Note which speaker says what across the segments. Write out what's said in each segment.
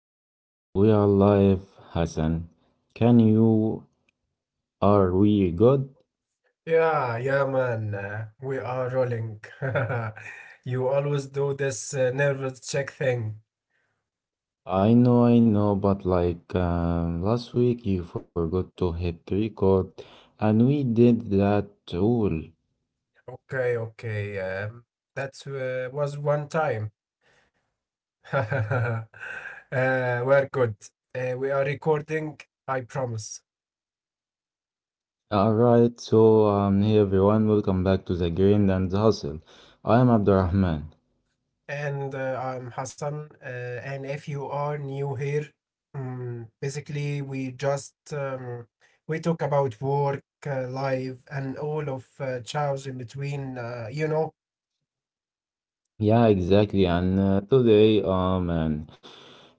Speaker 1: all right. We are live, Hassan. Can you? Are we good?
Speaker 2: Yeah, yeah, man. We are rolling. You always do this nervous check thing.
Speaker 1: I know, but last week you forgot to hit record, and we did that all.
Speaker 2: Okay, okay. That was one time. uh, we're good. We are recording, I promise.
Speaker 1: All right. Hey everyone, welcome back to the Grind and the Hustle. I am Abdurrahman.
Speaker 2: And I'm Hassan. And if you are new here, basically, we talk about work, life, and all of chows in between.
Speaker 1: Yeah, exactly. And today, oh man.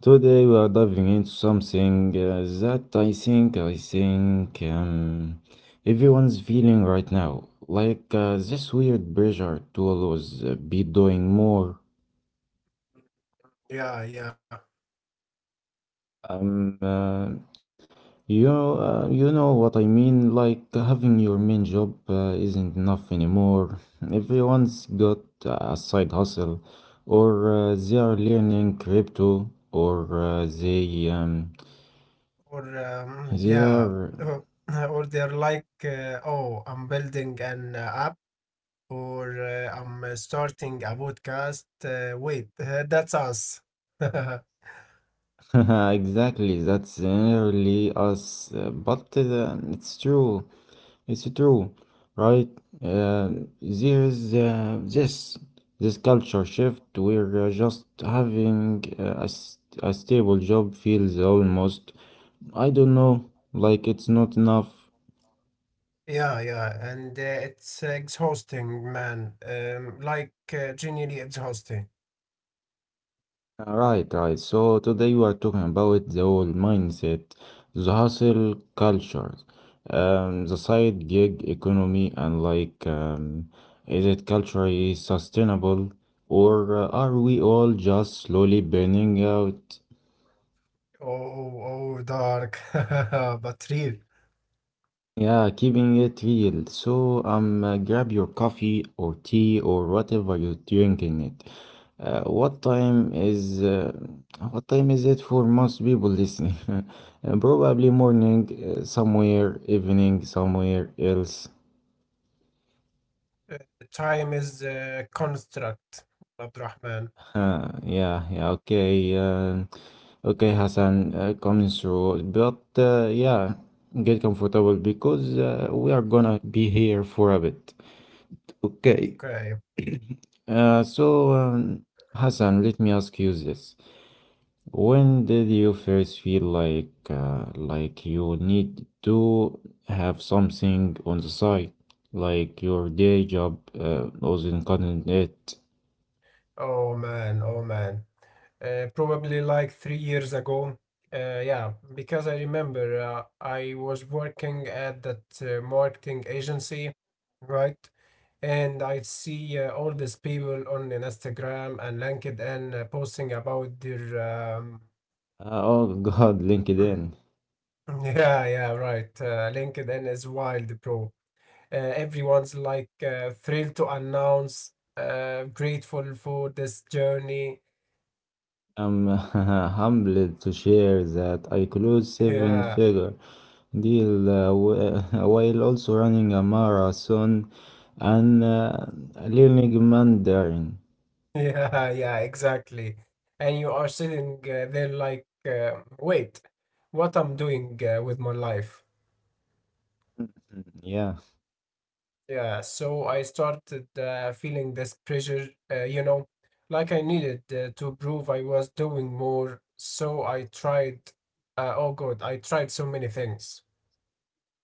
Speaker 1: Today we are diving into something that I think everyone's feeling right now, like this weird pressure to always be doing more.
Speaker 2: Yeah, yeah.
Speaker 1: Um, uh, you know what I mean. Like having your main job isn't enough anymore. Everyone's got a side hustle, or they are learning crypto, or
Speaker 2: Or um,
Speaker 1: they
Speaker 2: yeah,
Speaker 1: are
Speaker 2: or, or they're like, oh, I'm building an app, or I'm starting a podcast. Wait, that's us.
Speaker 1: exactly, that's generally us, but it's true, right? Uh, there's this this culture shift where just having a stable job feels almost, I don't know, like it's not enough.
Speaker 2: Yeah, yeah, and it's exhausting, man. Like genuinely exhausting.
Speaker 1: Right, right. So today we are talking about the whole mindset, the hustle culture, the side gig economy, and like, is it culturally sustainable or are we all just slowly burning out?
Speaker 2: Oh, oh, oh, dark, but real.
Speaker 1: Yeah, keeping it real. So, grab your coffee or tea or whatever you're drinking it. Uh, what time is uh, what time is it for most people listening? Probably morning, somewhere, evening, somewhere else.
Speaker 2: Uh, Time is a construct, Abdurrahman.
Speaker 1: Huh, yeah, yeah, okay. Okay, Hassan, coming through. But yeah, get comfortable because we are gonna be here for a bit. Okay.
Speaker 2: Okay.
Speaker 1: So, Hassan, let me ask you this. When did you first feel like you need to have something on the side, like your day job wasn't cutting it?
Speaker 2: Oh man, oh man. Probably like 3 years ago. Yeah, because I remember I was working at that marketing agency, right? And I see all these people on Instagram and LinkedIn posting about their.
Speaker 1: Oh God, LinkedIn.
Speaker 2: Yeah, yeah, right. LinkedIn is wild, bro. Everyone's like thrilled to announce, grateful for this journey.
Speaker 1: I'm humbled to share that I closed
Speaker 2: Yeah.
Speaker 1: seven-figure deal while also running a marathon and learning Mandarin.
Speaker 2: Yeah, yeah, exactly. And you are sitting there like, wait, what I'm doing with my life?
Speaker 1: Yeah.
Speaker 2: Yeah, so I started feeling this pressure, like I needed to prove I was doing more. So I tried, oh God, I tried so many things.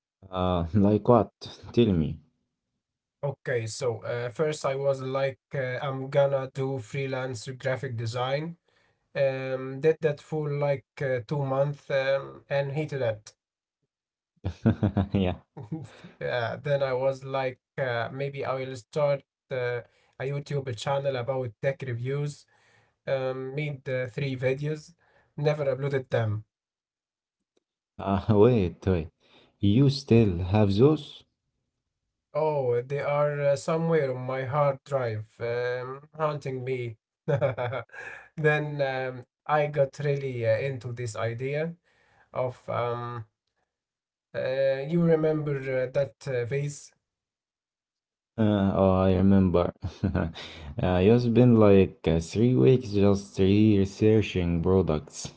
Speaker 1: Like what? Tell me.
Speaker 2: Okay, so first I was like, I'm gonna do freelance graphic design. Did that for like 2 months and hated it.
Speaker 1: yeah.
Speaker 2: Yeah, then I was like, maybe I will start uh, a YouTube channel about tech reviews. Made three videos, never uploaded them.
Speaker 1: Wait. You still have those?
Speaker 2: Oh, they are somewhere on my hard drive, haunting me. Then I got really into this idea of you remember that vase?
Speaker 1: Oh, I remember. uh, it's been like 3 weeks just researching products.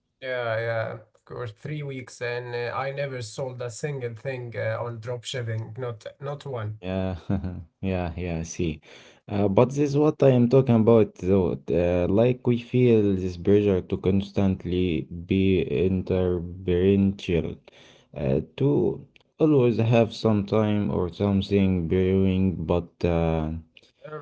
Speaker 2: Yeah, yeah, of course. 3 weeks, and I never sold a single thing on drop shipping. Not, not one.
Speaker 1: Yeah, yeah, yeah, see. But this is what I am talking about, though. Like, we feel this pressure to constantly be interferential, to always have some time or something brewing, but,
Speaker 2: Um,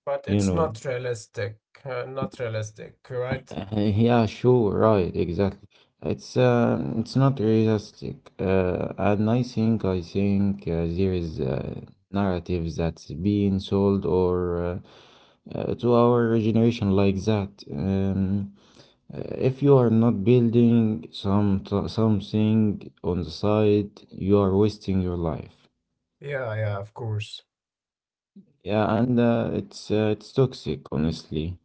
Speaker 2: but
Speaker 1: you
Speaker 2: it's not
Speaker 1: know,
Speaker 2: realistic. Not realistic, right?
Speaker 1: yeah, sure, right, exactly. It's not realistic. And I think there is narratives that's being sold or. To our generation like that. If you are not building something on the side, you are wasting your life.
Speaker 2: Yeah, yeah, of course.
Speaker 1: Yeah, and it's toxic, honestly.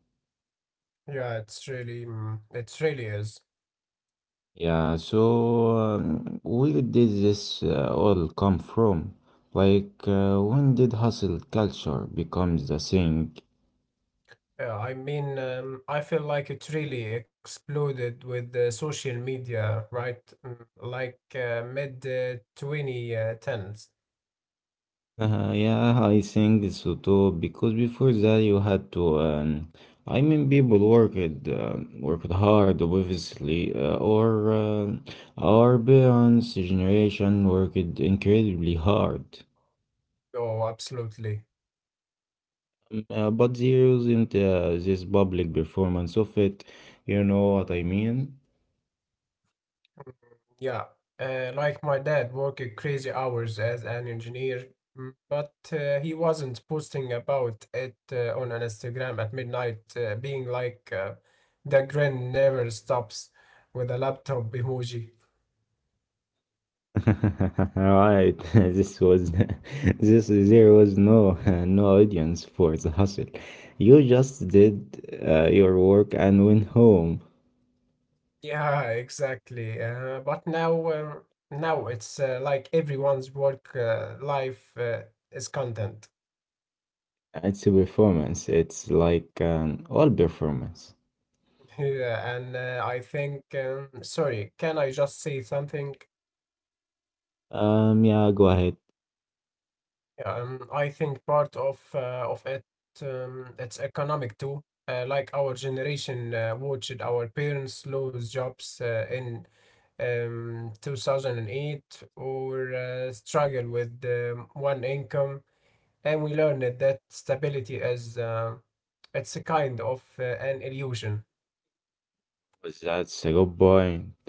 Speaker 2: Yeah, it's really, it really is.
Speaker 1: Yeah, so where did this all come from? Like, when did hustle culture become the thing?
Speaker 2: Yeah, I mean, I feel like it really exploded with the social media, right? Mm, Like mid 2010s.
Speaker 1: Yeah, I think so too. Because before that, you had to. I mean, people worked hard, obviously. Or our parents' generation worked incredibly hard.
Speaker 2: Oh, absolutely.
Speaker 1: But they used this public performance of it. You know what I mean?
Speaker 2: Yeah, like my dad worked crazy hours as an engineer, but he wasn't posting about it on an Instagram at midnight, being like the grin never stops with a laptop emoji.
Speaker 1: Right, this was this there was no no audience for the hustle. You just did your work and went home.
Speaker 2: Yeah, exactly. But now, now it's like everyone's work life is content.
Speaker 1: It's a performance. It's like an all performance.
Speaker 2: Yeah, and I think, sorry, can I just say something?
Speaker 1: Yeah, go ahead.
Speaker 2: Yeah, I think part of it it's economic too. Like our generation watched our parents lose jobs in 2008 or struggle with one income, and we learned that stability is it's a kind of an illusion.
Speaker 1: That's a good point.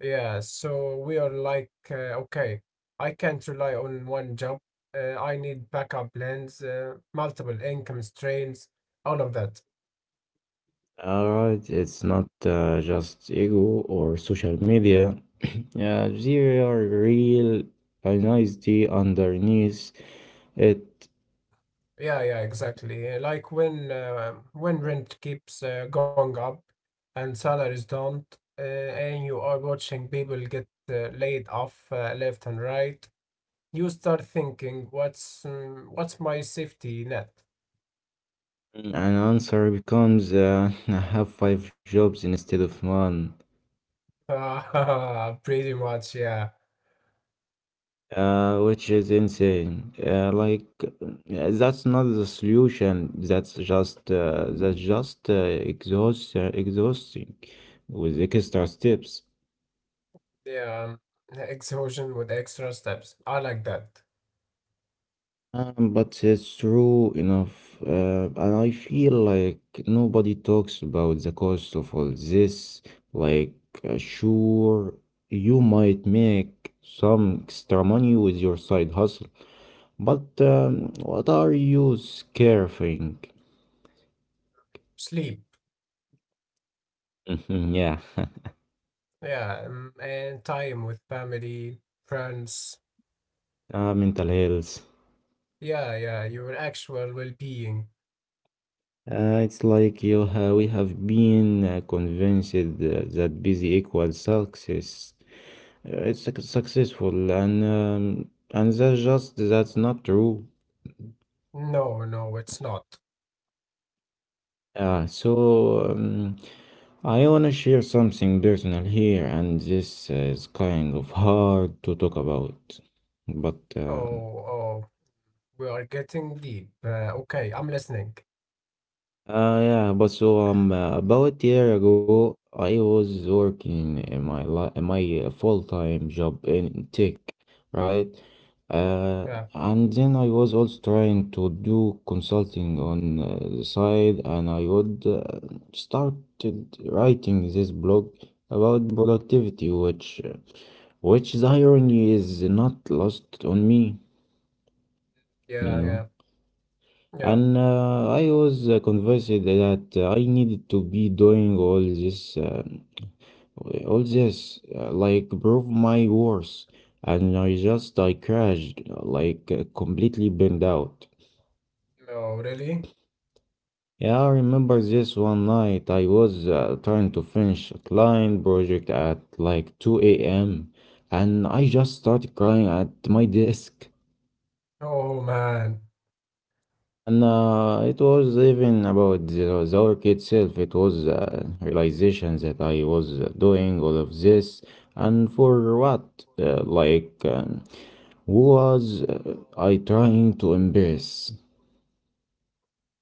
Speaker 2: Yeah, so we are like, okay, I can't rely on one job. I need backup plans, multiple income streams, all of that.
Speaker 1: Alright, it's not just ego or social media. There are real honesty underneath it.
Speaker 2: Yeah, yeah, exactly. Like when rent keeps going up and salaries don't, and you are watching people get laid off left and right, you start thinking, what's my safety net?
Speaker 1: Mm, an answer becomes I have five jobs instead of one,
Speaker 2: Pretty much, yeah.
Speaker 1: which is insane. That's not the solution. That's just exhausting with extra steps.
Speaker 2: Yeah, exhaustion with extra steps. I like that.
Speaker 1: But it's true enough, and I feel like nobody talks about the cost of all this. Like, sure, you might make some extra money with your side hustle, but what are you scarfing?
Speaker 2: Sleep.
Speaker 1: Yeah,
Speaker 2: Yeah, and time with family, friends.
Speaker 1: mental health.
Speaker 2: Yeah, yeah, your actual well-being.
Speaker 1: It's like you ha we have been convinced that busy equals success. Successful, and that's just that's not true.
Speaker 2: No, no, it's not.
Speaker 1: Yeah, so I wanna share something personal here, and this is kind of hard to talk about, but
Speaker 2: Oh, oh, we are getting deep. Okay, I'm listening.
Speaker 1: About a year ago, I was working in my full-time job in tech, right? Uh,
Speaker 2: Yeah,
Speaker 1: and then I was also trying to do consulting on the side, and I would started writing this blog about productivity, which the irony is not lost on me, you
Speaker 2: yeah,
Speaker 1: know.
Speaker 2: yeah, yeah.
Speaker 1: And I was convinced that I needed to be doing all this, like prove my worth. And I crashed, completely burned out.
Speaker 2: No, really?
Speaker 1: Yeah, I remember this one night I was trying to finish a client project at like 2 a.m. and I just started crying at my desk.
Speaker 2: Oh, man.
Speaker 1: And it was even about the work itself. It was a realization that I was doing all of this and for what? Who was I trying to embrace?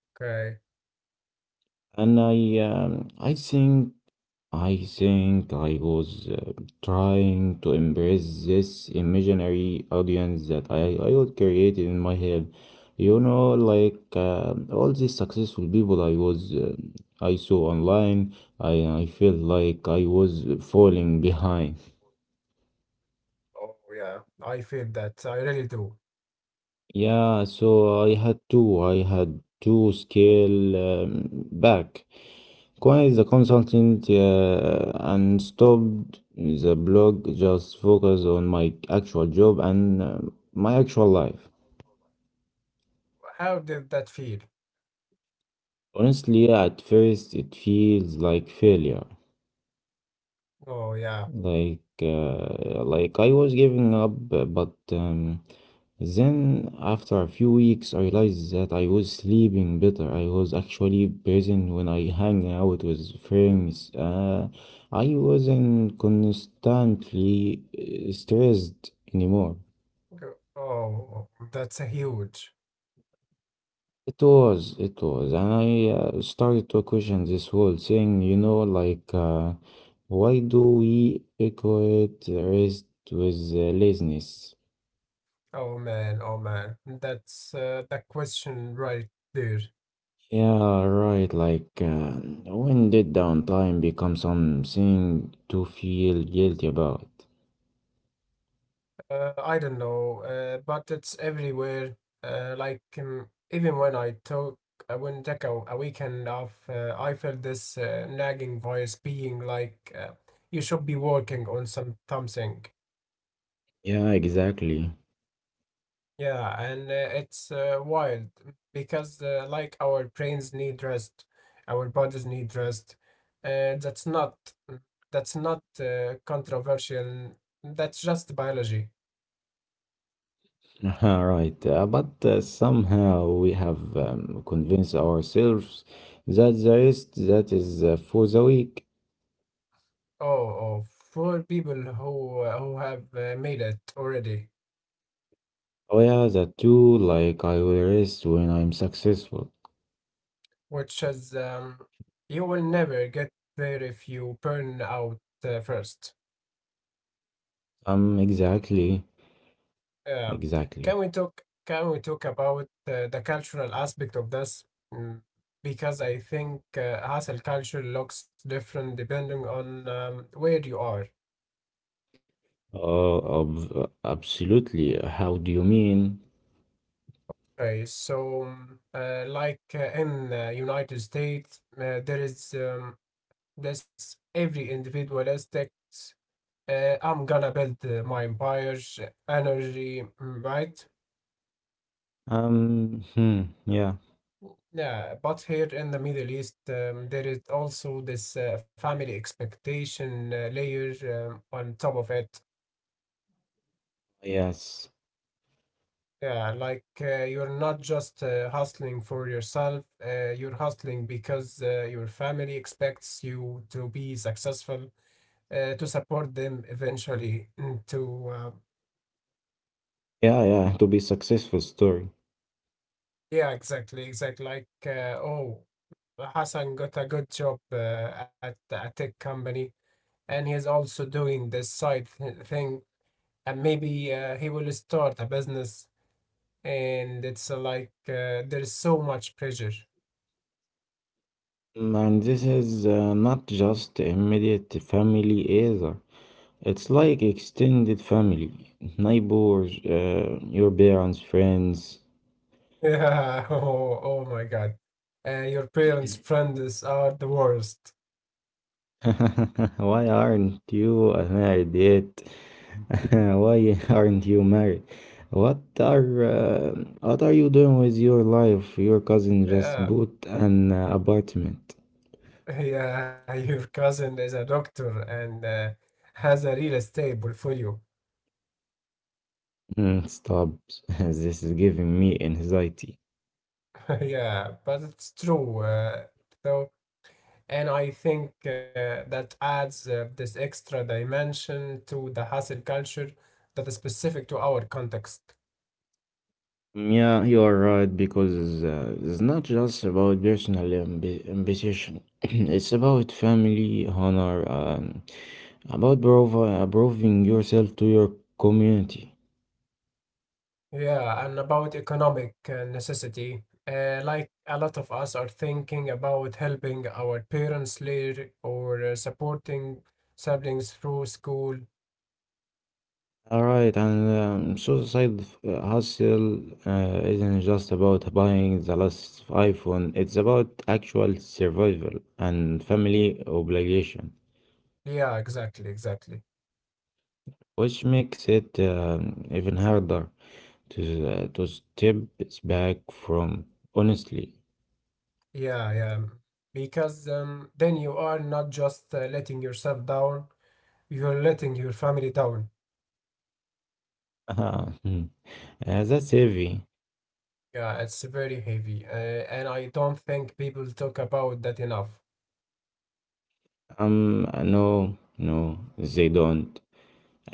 Speaker 2: Okay.
Speaker 1: And I think I think I was trying to embrace this imaginary audience that I would create in my head. You know, like all these successful people I was I saw online, I felt like I was falling behind.
Speaker 2: Oh, yeah. I feel that. I really do.
Speaker 1: Yeah, so I had to scale back. Quit the consultant and stopped the blog, just focus on my actual job and my actual life.
Speaker 2: How did that feel?
Speaker 1: Honestly, at first it feels like failure.
Speaker 2: Oh, yeah.
Speaker 1: Like I was giving up, but then after a few weeks, I realized that I was sleeping better. I was actually present when I hang out with friends. I wasn't constantly stressed anymore.
Speaker 2: Oh, oh, that's a huge.
Speaker 1: It was, and I started to question this whole thing, you know, like why do we equate rest with laziness?
Speaker 2: Oh man, that's that question right there.
Speaker 1: Yeah, right. Like, when did downtime become something to feel guilty about?
Speaker 2: I don't know, but it's everywhere. Like even when I would take a weekend off. I felt this nagging voice being like, "You should be working on some something.
Speaker 1: Yeah, exactly.
Speaker 2: Yeah, and it's wild because, like, our brains need rest, our bodies need rest. That's not mm, that's not controversial. That's just biology.
Speaker 1: Right. But somehow we have convinced ourselves that the rest that is for the weak.
Speaker 2: Oh, oh, for people who have made it already,
Speaker 1: Oh, yeah, that too. Like, I will rest when I'm successful.
Speaker 2: which is you will never get there if you burn out first.
Speaker 1: Exactly.
Speaker 2: Yeah. Can
Speaker 1: Exactly.
Speaker 2: we talk can we talk about the cultural aspect of this? Mm, Because I think hustle culture looks different depending on where you are.
Speaker 1: Oh, ob absolutely. How do you mean?
Speaker 2: Okay, so like in the United States, there is this every individualistic, I'm gonna build my empire's energy, right?
Speaker 1: Hmm, yeah.
Speaker 2: Yeah, but here in the Middle East, there is also this family expectation layer on top of it.
Speaker 1: Yes.
Speaker 2: Yeah, like you're not just hustling for yourself, you're hustling because your family expects you to be successful, to support them eventually, and
Speaker 1: Yeah, yeah, to be successful story.
Speaker 2: yeah, exactly, exactly. Like, oh, Hassan got a good job at a tech company, and he's also doing this side thing and maybe he will start a business and it's like there's so much pressure.
Speaker 1: Mm, and this is not just immediate family either. It's like extended family, neighbors, your parents, friends.
Speaker 2: Yeah, oh, oh my god, your parents friends are the worst.
Speaker 1: Why aren't you married yet? Why aren't you married? What are uh, what are you doing with your life? Your cousin just
Speaker 2: Yeah,
Speaker 1: bought an apartment.
Speaker 2: yeah. Your cousin is a doctor and has a real estate portfolio.
Speaker 1: Mm, stop. This is giving me anxiety.
Speaker 2: Yeah, but it's true, so and I think that adds this extra dimension to the hustle culture that is specific to our context.
Speaker 1: Yeah, you are right because it's not just about personal ambi ambition. It's about family, honor, about proving yourself to your community.
Speaker 2: Yeah, and about economic necessity. Like a lot of us are thinking about helping our parents later or supporting siblings through school.
Speaker 1: All right, and suicide hustle isn't just about buying the last iPhone. It's about actual survival and family obligation,
Speaker 2: Yeah, exactly, exactly.
Speaker 1: which makes it even harder. To step back from honestly
Speaker 2: Yeah, yeah. Because then you are not just letting yourself down, you're letting your family down.
Speaker 1: ah, hmm, that's heavy
Speaker 2: Yeah, it's very heavy. And I don't think people talk about that enough.
Speaker 1: no no they don't.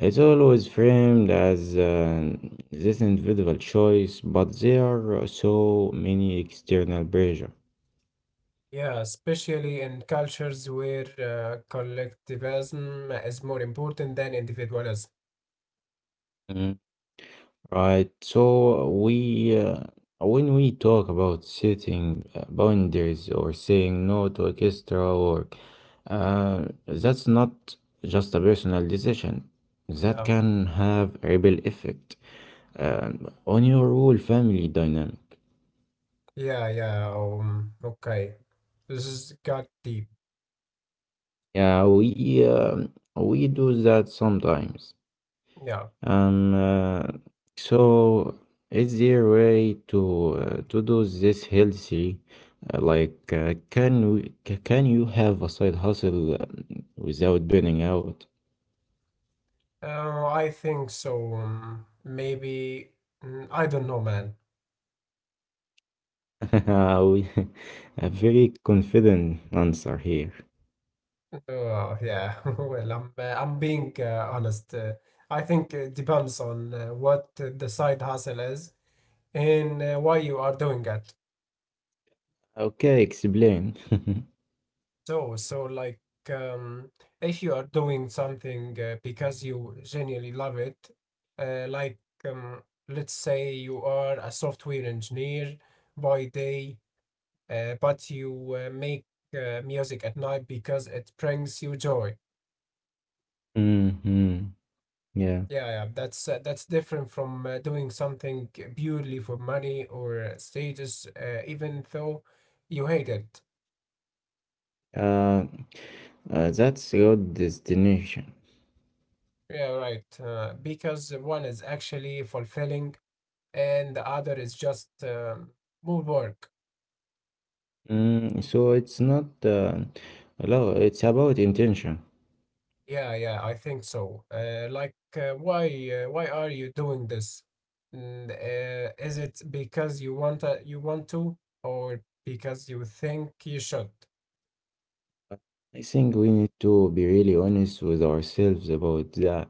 Speaker 1: It's always framed as this individual choice but there are so many external pressure.
Speaker 2: Yeah, especially in cultures where collectivism is more important than individualism.
Speaker 1: Hmm. Right. So we, when we talk about setting boundaries or saying no to orchestra or that's not just a personal decision. That
Speaker 2: Yeah,
Speaker 1: can have a ripple effect on your whole family dynamic.
Speaker 2: yeah, yeah. Okay, this is got deep.
Speaker 1: Yeah, we do that sometimes.
Speaker 2: Yeah,
Speaker 1: Um, uh, so, is there a way to do this healthy? Can can you have a side hustle without burning out?
Speaker 2: I think so. Maybe I don't know, man.
Speaker 1: We- A very confident answer here.
Speaker 2: Oh, yeah. Well, I'm being honest. I think it depends on what the side hustle is and why you are doing it.
Speaker 1: Okay, explain.
Speaker 2: So like, if you are doing something because you genuinely love it, like, let's say you are a software engineer by day, but you make music at night because it brings you joy.
Speaker 1: Mm-hmm. Yeah.
Speaker 2: Yeah, yeah, that's different from doing something purely for money or status, even though you hate it.
Speaker 1: Uh, that's your destination.
Speaker 2: Yeah, right. Because one is actually fulfilling and the other is just more work.
Speaker 1: Mm, so it's not no, it's about intention.
Speaker 2: Yeah, yeah, I think so. Like, why why are you doing this? Is it because you want to, or because you think you should?
Speaker 1: I think we need to be really honest with ourselves about that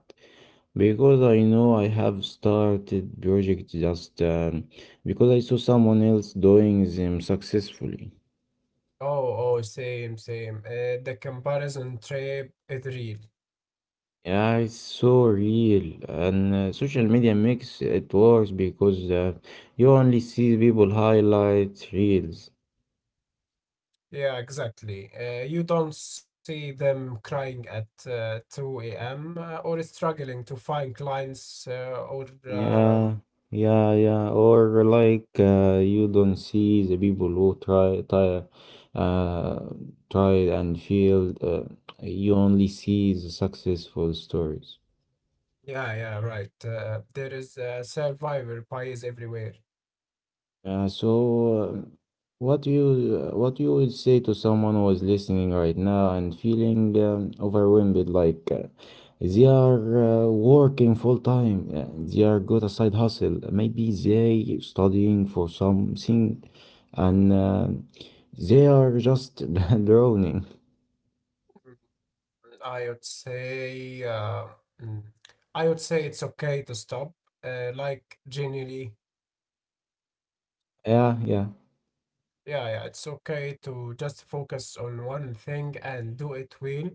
Speaker 1: because I know I have started projects just because I saw someone else doing them successfully.
Speaker 2: Oh, oh, same, same. The comparison trap is real.
Speaker 1: Yeah, it's so real, and social media makes it worse because you only see people highlight reels.
Speaker 2: Yeah, exactly. You don't see them crying at 2 a.m. Or struggling to find clients or
Speaker 1: Yeah,
Speaker 2: um,
Speaker 1: yeah, yeah. Or like you don't see the people who uh, try and failed. You only see the successful stories.
Speaker 2: yeah, yeah, right. There is a survivor bias everywhere.
Speaker 1: Yeah, so uh, what you would say to someone who is listening right now and feeling overwhelmed, like they are working full time, they are got a side hustle, maybe they studying for something, and they are just drowning.
Speaker 2: I would say, mm, I would say it's okay to stop. Like genuinely,
Speaker 1: Yeah, yeah.
Speaker 2: yeah, yeah, it's okay to just focus on one thing and do it well,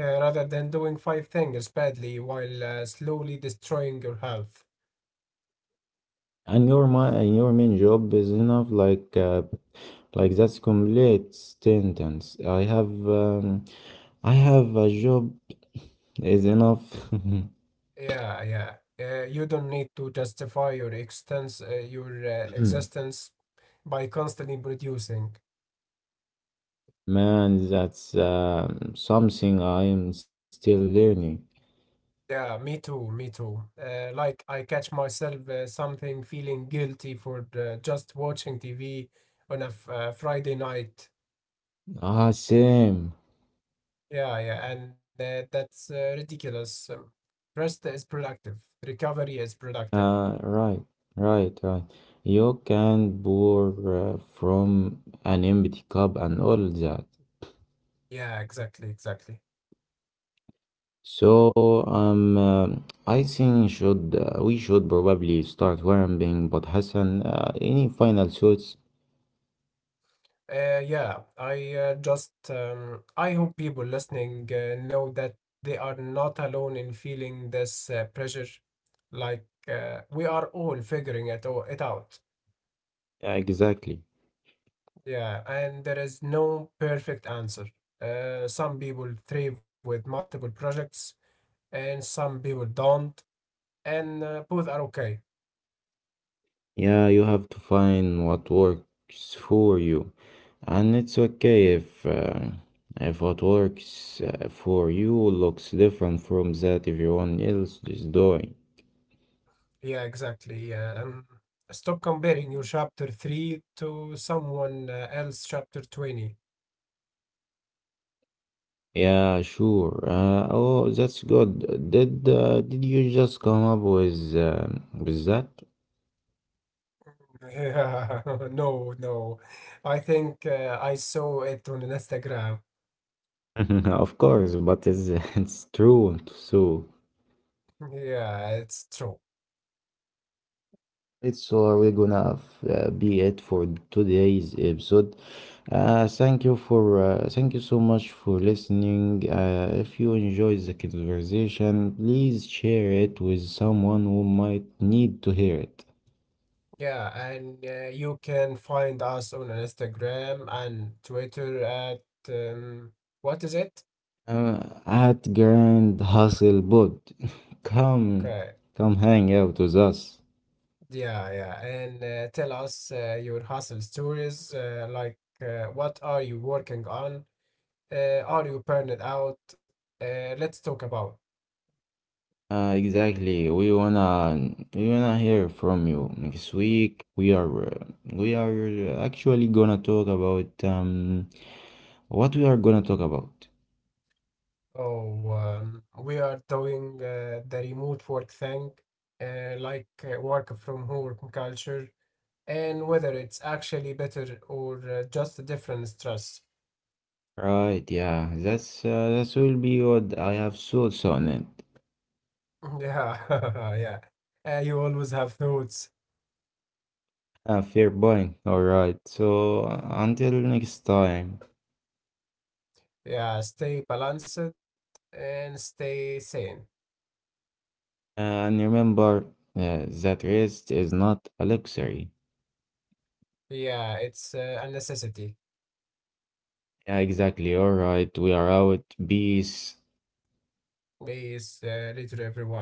Speaker 2: rather than doing five things badly while slowly destroying your health.
Speaker 1: And your main job is enough like that's complete sentence. I have I have a job is enough.
Speaker 2: Yeah, yeah. You don't need to justify your existence by constantly producing.
Speaker 1: man that's something I am still learning.
Speaker 2: Yeah, me too, me too. Like I catch myself something feeling guilty for just watching TV on a Friday night.
Speaker 1: Ah same.
Speaker 2: Yeah, yeah, and that's ridiculous. Rest is productive. Recovery is productive.
Speaker 1: Right, right, right. You can pour from an empty cup and all that.
Speaker 2: Yeah, exactly, exactly.
Speaker 1: So, um, uh, I think should we should probably start warming, but Hassan, any final thoughts?
Speaker 2: Yeah, I just I hope people listening know that they are not alone in feeling this pressure. Like we are all figuring it out.
Speaker 1: Yeah, exactly.
Speaker 2: Yeah, and there is no perfect answer. Some people thrive with multiple projects, and some people don't, and both are okay.
Speaker 1: Yeah, you have to find what works for you, and it's okay if what works for you looks different from that everyone else is doing.
Speaker 2: Yeah, exactly. Yeah. Stop comparing your chapter 3 to someone else chapter 20.
Speaker 1: Yeah, sure. Oh, that's good. Did you just come up with that?
Speaker 2: Yeah, no, no. I think I saw it on Instagram.
Speaker 1: Of course, but it's it's true so.
Speaker 2: Yeah, it's true.
Speaker 1: It's all we're gonna be it for today's episode. Thank you so much for listening. If you enjoyed the conversation, please share it with someone who might need to hear it.
Speaker 2: Yeah, and you can find us on Instagram and Twitter at what is it?
Speaker 1: At Grand Hustle Bud, come
Speaker 2: Okay.
Speaker 1: come hang out with us.
Speaker 2: Yeah, yeah. And tell us your hustle stories, like what are you working on? Are you burning out? Let's talk about.
Speaker 1: Exactly. We wanna hear from you next week. We are actually gonna talk about what we are gonna talk about.
Speaker 2: Oh, we are doing the remote work thing, like work from home culture, and whether it's actually better or just a different stress.
Speaker 1: Right? Yeah. That's that will be what I have thoughts on it.
Speaker 2: Yeah, yeah. You always have thoughts.
Speaker 1: Fair point. All right. So until next time,
Speaker 2: Yeah, stay balanced and stay sane.
Speaker 1: and remember that rest is not a luxury.
Speaker 2: Yeah, it's a necessity.
Speaker 1: Yeah, exactly. All right. We are out. Peace.
Speaker 2: Please, read to everyone.